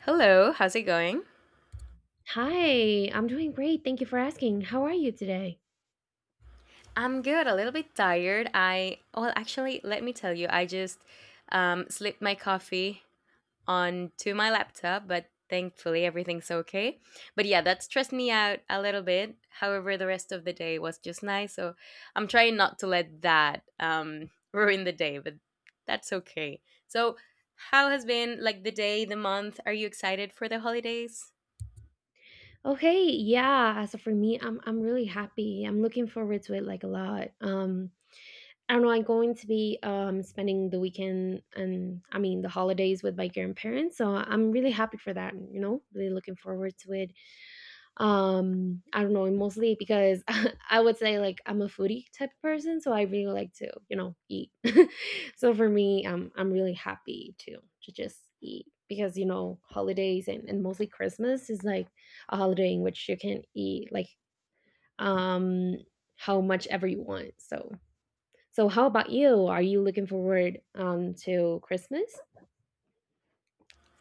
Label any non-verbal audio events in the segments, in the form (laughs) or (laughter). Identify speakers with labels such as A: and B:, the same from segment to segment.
A: Hello, how's it going?
B: Hi, I'm doing great. Thank you for asking. How are you today?
A: I'm good, a little bit tired. I, well, actually, let me tell you, I just slipped my coffee onto my laptop, but thankfully everything's okay. But yeah, that stressed me out a little bit. However, the rest of the day was just nice, so I'm trying not to let that (laughs) ruin the day, but that's okay. So, how has been like the day, the month? Are you excited for the holidays?
B: Okay, yeah. So for me, I'm really happy. I'm looking forward to it like a lot. I don't know. I'm going to be spending the weekend and I mean the holidays with my grandparents, so I'm really happy for that. You know, really looking forward to it. I don't know, mostly because (laughs) I would say like I'm a foodie type of person, so I really like to, you know, eat. (laughs) So for me, I'm really happy to just eat because you know holidays and mostly Christmas is like a holiday in which you can eat like um how much ever you want. So so, how about you? Are you looking forward to Christmas?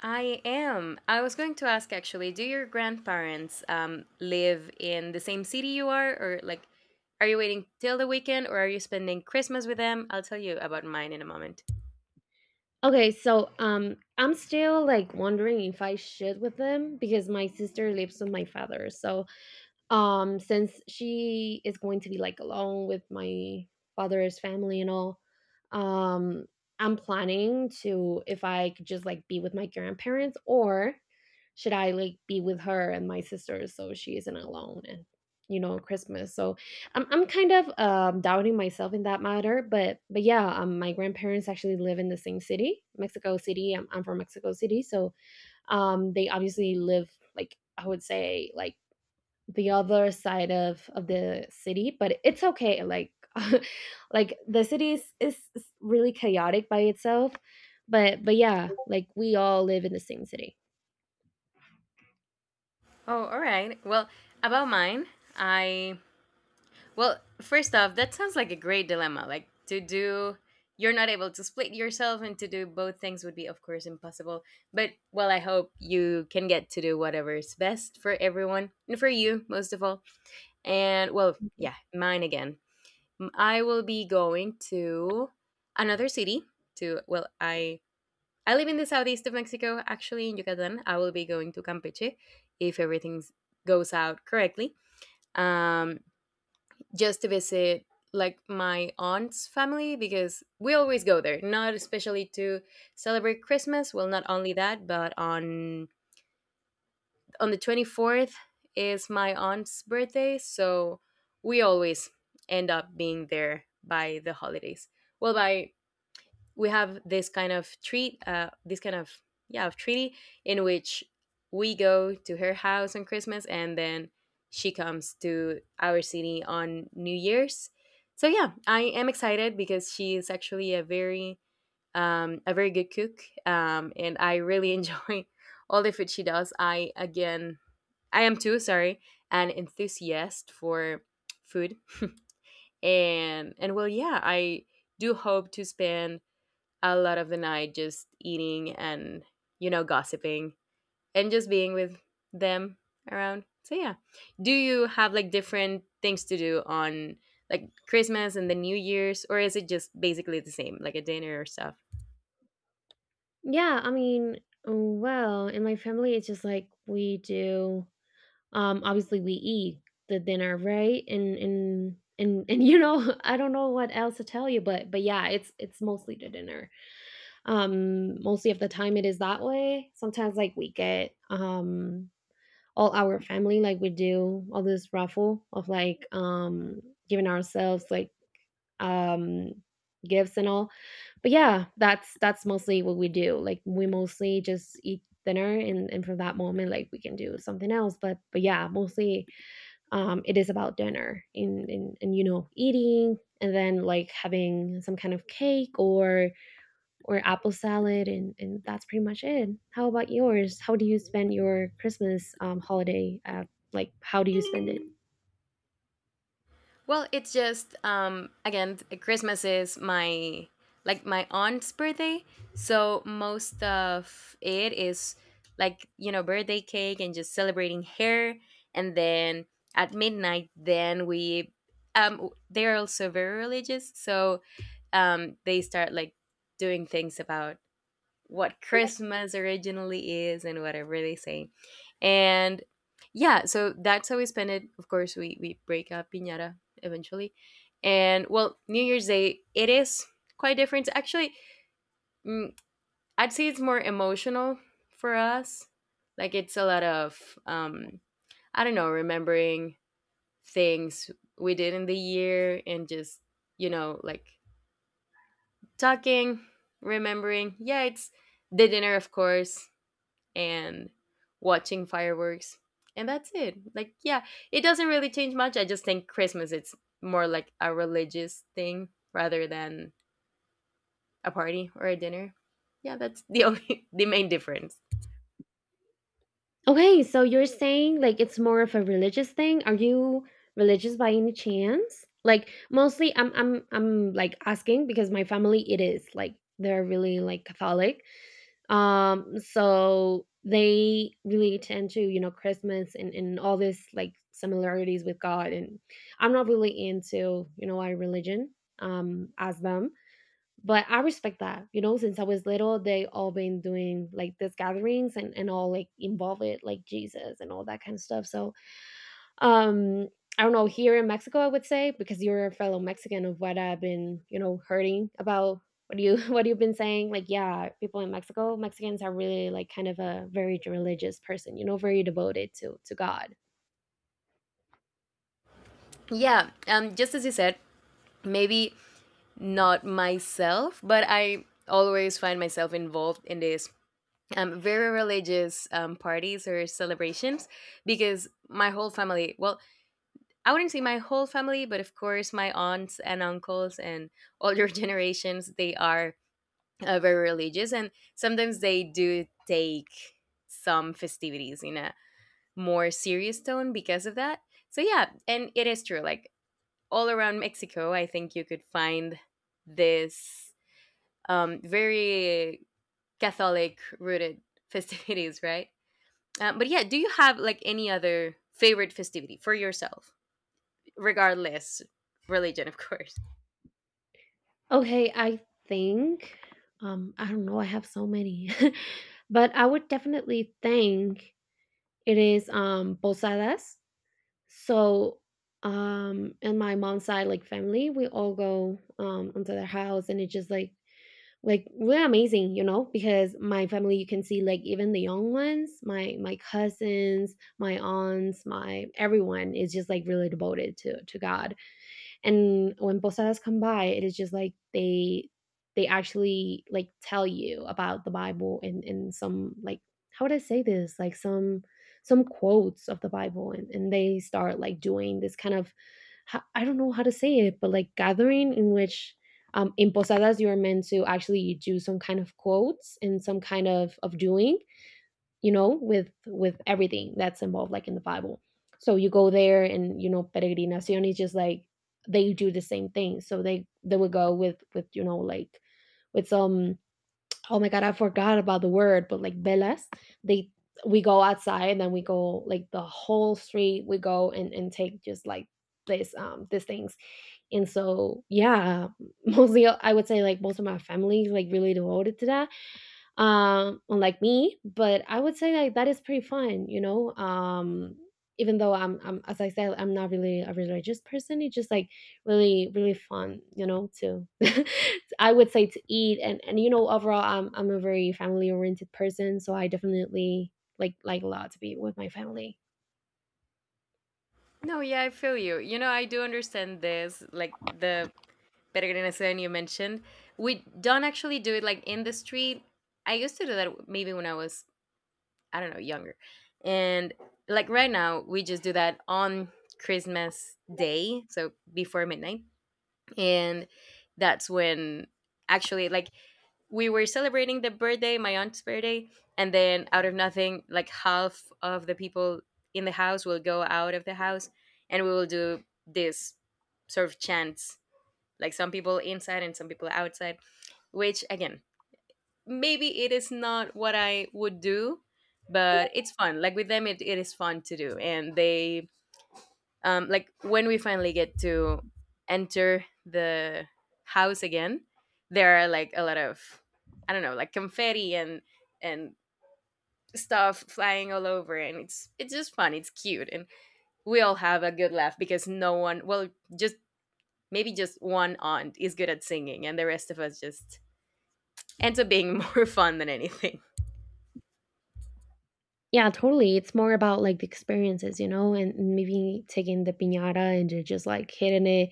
A: I am. I was going to ask actually, do your grandparents live in the same city you are? Or like, are you waiting till the weekend or are you spending Christmas with them? I'll tell you about mine in a moment.
B: Okay, so I'm still like wondering if I should with them because my sister lives with my father. So since she is going to be, like, alone with my father's family and all, um, I'm planning to if I could just, like, be with my grandparents or should I, like, be with her and my sisters so she isn't alone and, you know, Christmas, so I'm kind of, doubting myself in that matter, but yeah, my grandparents actually live in the same city, Mexico City. I'm from Mexico City, so, they obviously live, like, I would say, like, the other side of the city, but it's okay, like (laughs) like the city is really chaotic by itself, but yeah, like we all live in the same city.
A: Oh, all right. Well, about mine, I. Well, first off, that sounds like a great dilemma. Like, to do. You're not able to split yourself and to do both things would be, of course, impossible. But, well, I hope you can get to do whatever is best for everyone and for you, most of all. And well, yeah, mine again. I will be going to another city to well, I live in the southeast of Mexico, actually in Yucatan. I will be going to Campeche if everything goes out correctly. Um just to visit like my aunt's family because we always go there, not especially to celebrate Christmas, well not only that, but on the 24th is my aunt's birthday, so we always end up being there by the holidays. Well, by we have this kind of treat, this kind of yeah of treaty in which we go to her house on Christmas and then she comes to our city on New Year's. So yeah, I am excited because she is actually a very good cook, and I really enjoy (laughs) all the food she does. I again I am too, sorry, an enthusiast for food. And well, yeah, I do hope to spend a lot of the night just eating and you know gossiping and just being with them around. So yeah. Do you have like different things to do on like Christmas and the New Year's, or is it just basically the same like a dinner or stuff?
B: Yeah, I mean, well, in my family it's just like we do, obviously, we eat the dinner, right? And (laughs) and you know, (laughs) I don't know what else to tell you, but yeah, it's mostly the dinner. Mostly of the time it is that way. Sometimes like we get all our family like we do all this raffle of like giving ourselves like um gifts and all. But yeah, that's mostly what we do. Like we mostly just eat dinner and from that moment like we can do something else. But yeah, mostly it is about dinner and you know eating and then like having some kind of cake or apple salad, and that's pretty much it. How about yours? How do you spend your Christmas holiday? Like how do you spend it?
A: Well, it's just again Christmas is my like my aunt's birthday, so most of it is like you know birthday cake and just celebrating her, and then at midnight then we they're also very religious, so they start like doing things about what Christmas originally is and whatever they say. And yeah, so that's how we spend it. Of course, we break up Piñata eventually. And well, New Year's Day, it is quite different. Actually, mm, I'd say it's more emotional for us. Like it's a lot of, I don't know, remembering things we did in the year and just, you know, like talking, remembering. Yeah, it's the dinner, of course, and watching fireworks, and that's it. Like yeah, it doesn't really change much. I just think Christmas it's more like a religious thing rather than a party or a dinner. Yeah, that's the only (laughs) the main difference.
B: Okay, so you're saying like it's more of a religious thing. Are you religious by any chance? Like mostly I'm like asking because my family it is like they're really like Catholic. So they really tend to, you know, Christmas and all this like similarities with God, and I'm not really into, you know, our religion as them, but I respect that. You know, since I was little, they all been doing like these gatherings, and all like involve it like Jesus and all that kind of stuff. So um I don't know, here in Mexico I would say, because you're a fellow Mexican of what I've been, you know, hearing about what you (laughs) what you've been saying. Like, yeah, people in Mexico, Mexicans are really like kind of a very religious person, you know, very devoted to God.
A: Yeah, just as you said, maybe not myself, but I always find myself involved in these very religious parties or celebrations because my whole family, well, I wouldn't say my whole family, but of course, my aunts and uncles and older (laughs) generations, they are very religious. And sometimes they do take some festivities in a more serious tone because of that. So, yeah, and it is true. Like all around Mexico, I think you could find this very Catholic rooted (laughs) festivities, right? But yeah, do you have like any other favorite festivity for yourself, regardless religion, of course?
B: Okay, I think I don't know, I have so many. (laughs) But I would definitely think it is posadas. So and my mom's side like family, we all go onto their house and it's just like really amazing, you know, because my family you can see like even the young ones, my cousins, my aunts, my everyone is just like really devoted to God. And when posadas come by, it is just like they actually like tell you about the Bible and some like, how would I say this? Like some quotes of the Bible, and they start like doing this kind of I don't know how to say it, but like gathering in which in posadas you are meant to actually do some kind of quotes and some kind of doing, you know, with everything that's involved, like in the Bible. So you go there, and you know, peregrinación is just like they do the same thing. So they would go with you know like with some, oh my god, I forgot about the word, but like velas. They we go outside, and then we go like the whole street. We go and take just like this these things, and so yeah. (laughs) Mostly I would say like most of my family is, like really devoted to that, unlike me. But I would say like that is pretty fun, you know. Even though I'm, as I said, I'm not really a religious person. It's just like really, really fun, you know. To (laughs) I would say to eat and you know overall, I'm a very family oriented person, so I definitely like a lot to be with my family.
A: No, yeah, I feel you. You know, I do understand this, like the peregrinación you mentioned. We don't actually do it like in the street. I used to do that maybe when I was, I don't know, younger. And like right now, we just do that on Christmas Day, so before midnight. And that's when actually, like, we were celebrating the birthday, my aunt's birthday, and then out of nothing, like half of the people in the house will go out of the house and we will do this sort of chants, like some people inside and some people outside, which again, maybe it is not what I would do, but it's fun. Like with them, it is fun to do, and they like when we finally get to enter the house again, there are like a lot of I don't know, like confetti and and stuff flying all over and it's just fun, it's cute, and we all have a good laugh because no one well just maybe just one aunt is good at singing and the rest of us just ends up being (laughs) more fun than anything.
B: Yeah, totally. It's more about like the experiences, you know, and maybe taking the piñata and just like hitting it.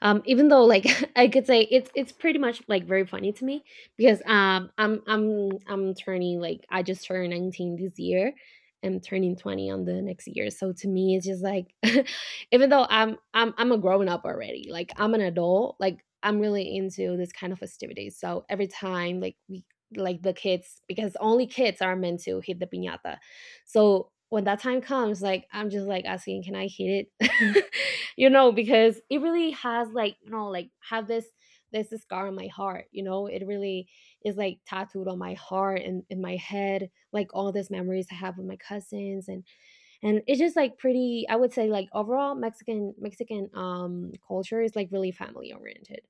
B: Even though like (laughs) I could say it's pretty much like very funny to me because I'm turning like I just turned 19 this year. I'm turning 20 on the next year. So to me it's just like (laughs) even though I'm a grown up already, like I'm an adult, like I'm really into this kind of festivities. So every time like we like the kids because only kids are meant to hit the piñata, so when that time comes, like I'm just like asking, can I hit it? (laughs) You know, because it really has like, you know, like have this scar on my heart, you know, it really is like tattooed on my heart and in my head, like all these memories I have with my cousins, and it's just like pretty I would say like overall Mexican culture is like really family oriented.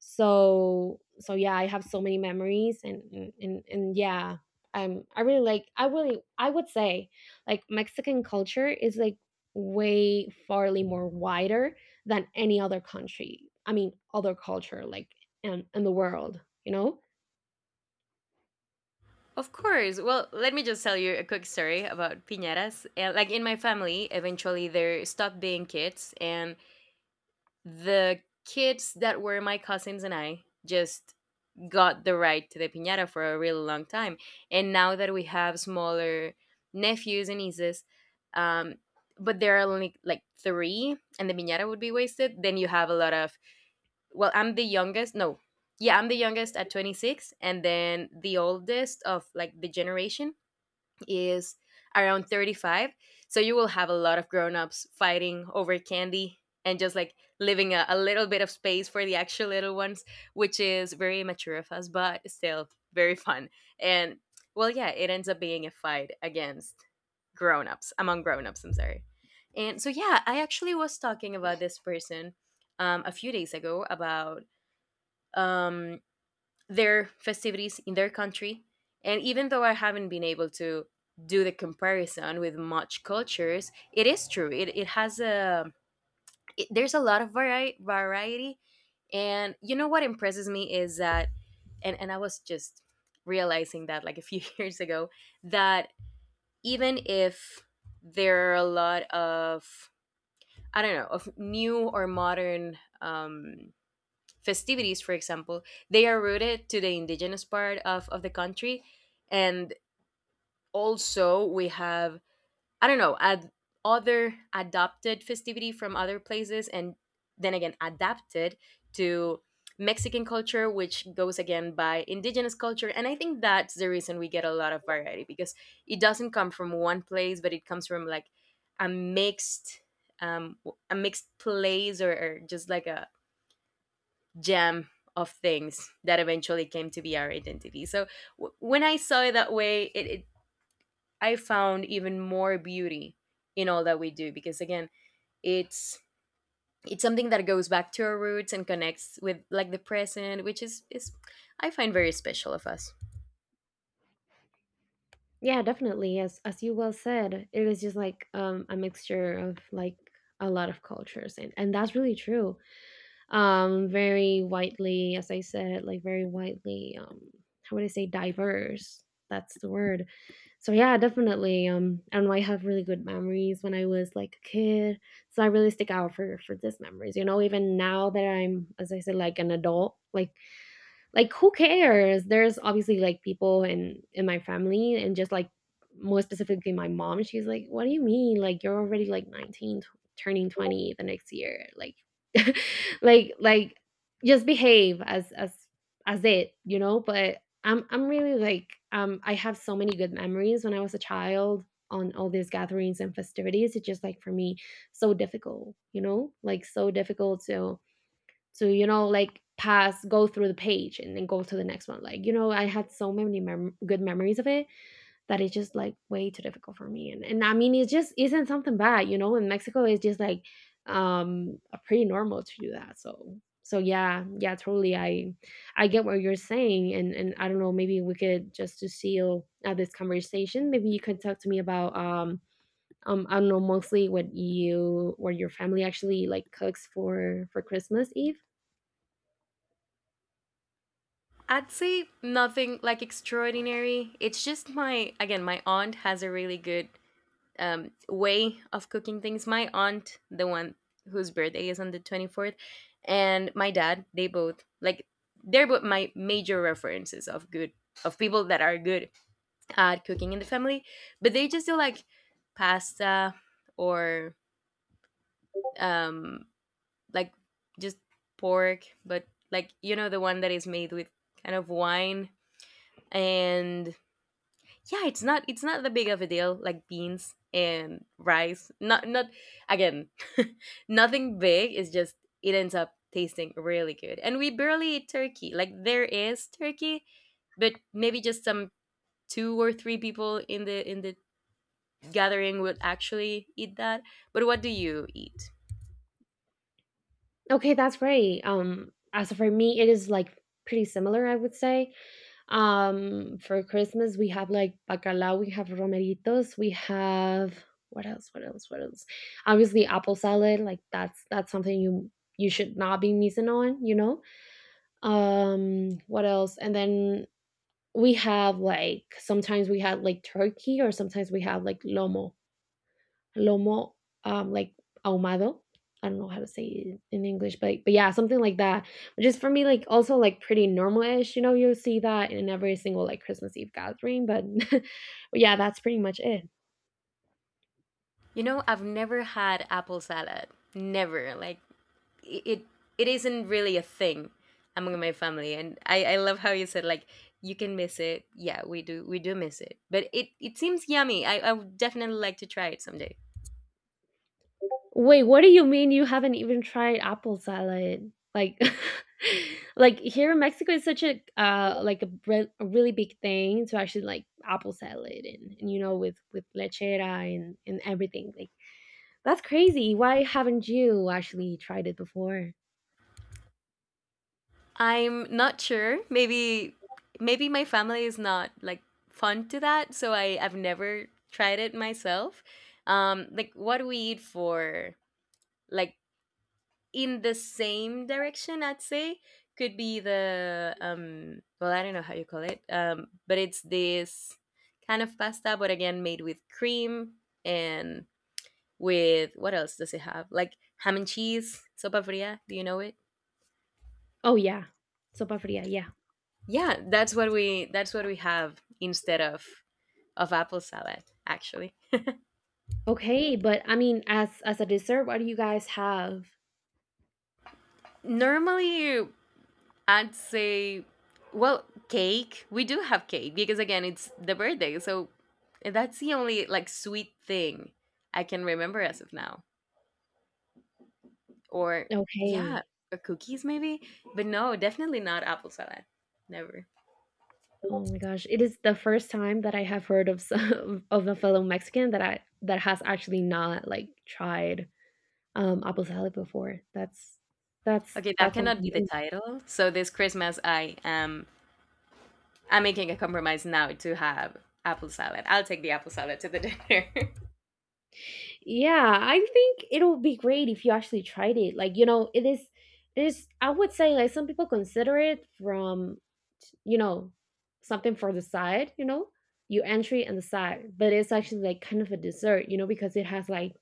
B: So so yeah I have so many memories and and yeah, I really like I really I would say like Mexican culture is like way farly more wider than any other country, I mean other culture, like in the world, you know.
A: Of course. Well, let me just tell you a quick story about piñatas. Like in my family, eventually there stopped being kids and the kids that were my cousins and I just got the right to the piñata for a really long time. And now that we have smaller nephews and nieces, um, but there are only like three and the piñata would be wasted, then you have a lot of, well, I'm the youngest. No, yeah, I'm the youngest at 26 and then the oldest of like the generation is around 35. So you will have a lot of grown-ups fighting over candy and just like living a little bit of space for the actual little ones, which is very immature of us, but still very fun. And well, yeah, it ends up being a fight against grown-ups, among grown-ups, I'm sorry. And so yeah, I actually was talking about this person a few days ago about um, their festivities in their country. And even though I haven't been able to do the comparison with much cultures, it is true. It has a, it, there's a lot of variety. And you know what impresses me is that, and I was just realizing that like a few (laughs) years ago, that even if there are a lot of, I don't know, of new or modern festivities, for example, they are rooted to the indigenous part of the country. And also we have, I don't know, other adopted festivity from other places and then again adapted to Mexican culture, which goes again by indigenous culture. And I think that's the reason we get a lot of variety because it doesn't come from one place, but it comes from like a mixed place, or just like a Gem of things that eventually came to be our identity. So when I saw it that way, it I found even more beauty in all that we do because again, it's it's something that goes back to our roots and connects with like the present, which is I find very special of us.
B: Yeah, definitely. As you well said, it is just like a mixture of like a lot of cultures, and that's really true. Very widely, as I said, like very widely. How would I say diverse? That's the word. So yeah, definitely. And I have really good memories when I was like a kid. So I really stick out for these memories. You know, even now that I'm, as I said, like an adult, like who cares, there's obviously like people in my family and just like more specifically my mom, she's like what do you mean like you're already like 19 turning 20 the next year, like (laughs) like just behave as it, you know. But I'm really like I have so many good memories when I was a child on all these gatherings and festivities. It's just like for me so difficult, you know, like so difficult to you know like pass go through the page and then go to the next one, like you know I had so many good memories of it, that it's just like way too difficult for me, and I mean it just isn't something bad, you know, in Mexico it's just like um pretty normal to do that. So so yeah, yeah, totally, I get what you're saying, and I don't know, maybe we could just to seal, this conversation maybe you could talk to me about I don't know, mostly what you or your family actually like cooks for Christmas Eve.
A: I'd say nothing like extraordinary. It's just my again, my aunt has a really good way of cooking things. My aunt, the one whose birthday is on the 24th, and my dad, they both like they're both my major references of good of people that are good at cooking in the family, but they just do like pasta or um like just pork, but like you know the one that is made with kind of wine and yeah it's not, it's not that big of a deal, like beans and rice, not not again (laughs) nothing big, it's just it ends up tasting really good, and we barely eat turkey. Like there is turkey, but maybe just some two or three people in the gathering would actually eat that. But what do you eat?
B: Okay, that's great. As for me, it is like pretty similar, I would say. For Christmas, we have like bacalao, we have romeritos, we have what else? What else? What else? Obviously, apple salad. Like that's something you you should not be missing on. You know. What else? And then we have like sometimes we have like turkey, or sometimes we have like lomo like ahumado. I don't know how to say it in English, but yeah, something like that. Which is for me like also like pretty normal-ish. You know, you'll see that in every single like Christmas Eve gathering, but (laughs) yeah, that's pretty much it.
A: You know, I've never had apple salad. Never. Like it it isn't really a thing among my family, and I love how you said like you can miss it. Yeah, we do, we do miss it, but it seems yummy. I would definitely like to try it someday.
B: Wait, what do you mean you haven't even tried apple salad? Like (laughs) like here in Mexico it's such a like a, a really big thing to actually like apple salad, and you know with lechera and everything. Like that's crazy. Why haven't you actually tried it before?
A: I'm not sure. Maybe maybe my family is not like fond to that, so I've never tried it myself. Like what do we eat for like in the same direction, I'd say could be the well I don't know how you call it, but it's this kind of pasta but again made with cream and with what else does it have, like ham and cheese, sopa fria, do you know it?
B: Oh yeah. Sopa fria, yeah.
A: Yeah, that's what we have instead of apple salad actually.
B: Okay, but I mean as a dessert what do you guys have?
A: Normally I'd say, well, cake. We do have cake because again, it's the birthday, so that's the only like sweet thing I can remember as of now. Or yeah,
B: Okay.
A: or cookies maybe, but no, definitely not apple salad. Never.
B: Oh my gosh, it is the first time that I have heard of some (laughs) of a fellow Mexican that I that has actually not, like, tried, apple salad before. That's that's
A: Okay, that
B: that's something
A: cannot be the
B: new.
A: title. So this Christmas, I am I'm making a compromise now to have apple salad. I'll take the apple salad to the dinner. (laughs)
B: Yeah, I think it'll be great if you actually tried it. Like, you know, it is I would say, like, some people consider it from, you know, something for the side, you know, your entry and the side, but it's actually, like, kind of a dessert, you know, because it has, like,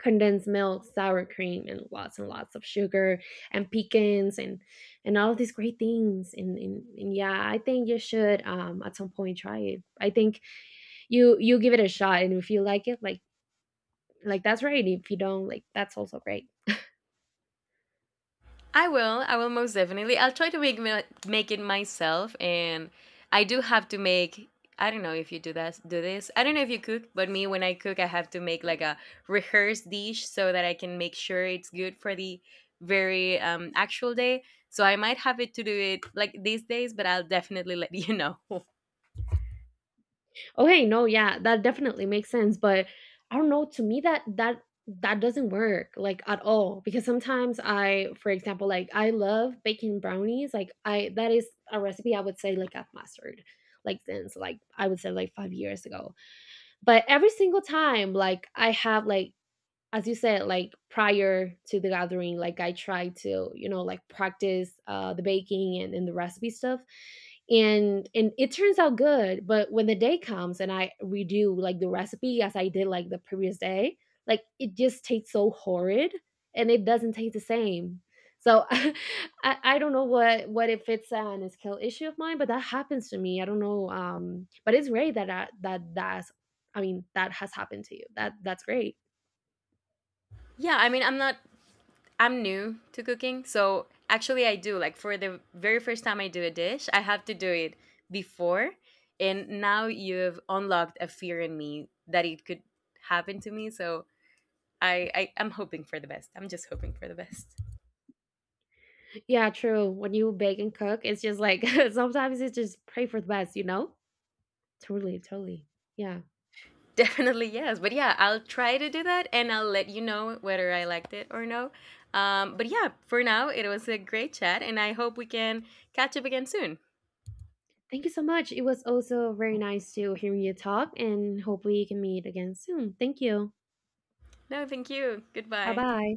B: condensed milk, sour cream, and lots of sugar and pecans and all of these great things. And yeah, I think you should at some point try it. I think you give it a shot, and if you like it, like that's right. If you don't, like that's also great.
A: I will. I will most definitely. I'll try to make it myself, and I do have to make. I don't know if you do that. Do this. I don't know if you cook, but me when I cook, I have to make like a rehearsed dish so that I can make sure it's good for the very actual day. So I might have it to do it like these days, but I'll definitely let you know.
B: Okay, no, yeah, that definitely makes sense, but I don't know, to me that that doesn't work like at all because sometimes I, for example, like I love baking brownies, like I that is a recipe I would say like I've mastered like since like I would say like 5 years ago. But every single time like I have like as you said, like prior to the gathering, like I tried to, you know, like practice the baking, and the recipe stuff. And it turns out good, but when the day comes and I redo like the recipe as I did like the previous day, like it just tastes so horrid and it doesn't taste the same. So (laughs) I don't know what if it's an skill issue of mine, but that happens to me. I don't know. But it's great that I, that that's, I mean that has happened to you. That that's great.
A: (laughs) Yeah, I mean, I'm not I'm new to cooking, so actually I do like for the very first time I do a dish, I have to do it before, and now you've unlocked a fear in me that it could happen to me. So I'm hoping for the best. I'm just hoping for the best.
B: Yeah, true. When you bake and cook, it's just like (laughs) sometimes it's just pray for the best, you know? Totally, totally. Yeah.
A: (laughs) Definitely yes, but yeah, I'll try to do that, and I'll let you know whether I liked it or no. But yeah, for now it was a great chat, and I hope we can catch up again soon.
B: Thank you so much. It was also very nice to hear you talk and hopefully you can meet again soon. Thank you.
A: No, thank you.
B: Bye
A: Goodbye.
B: bye.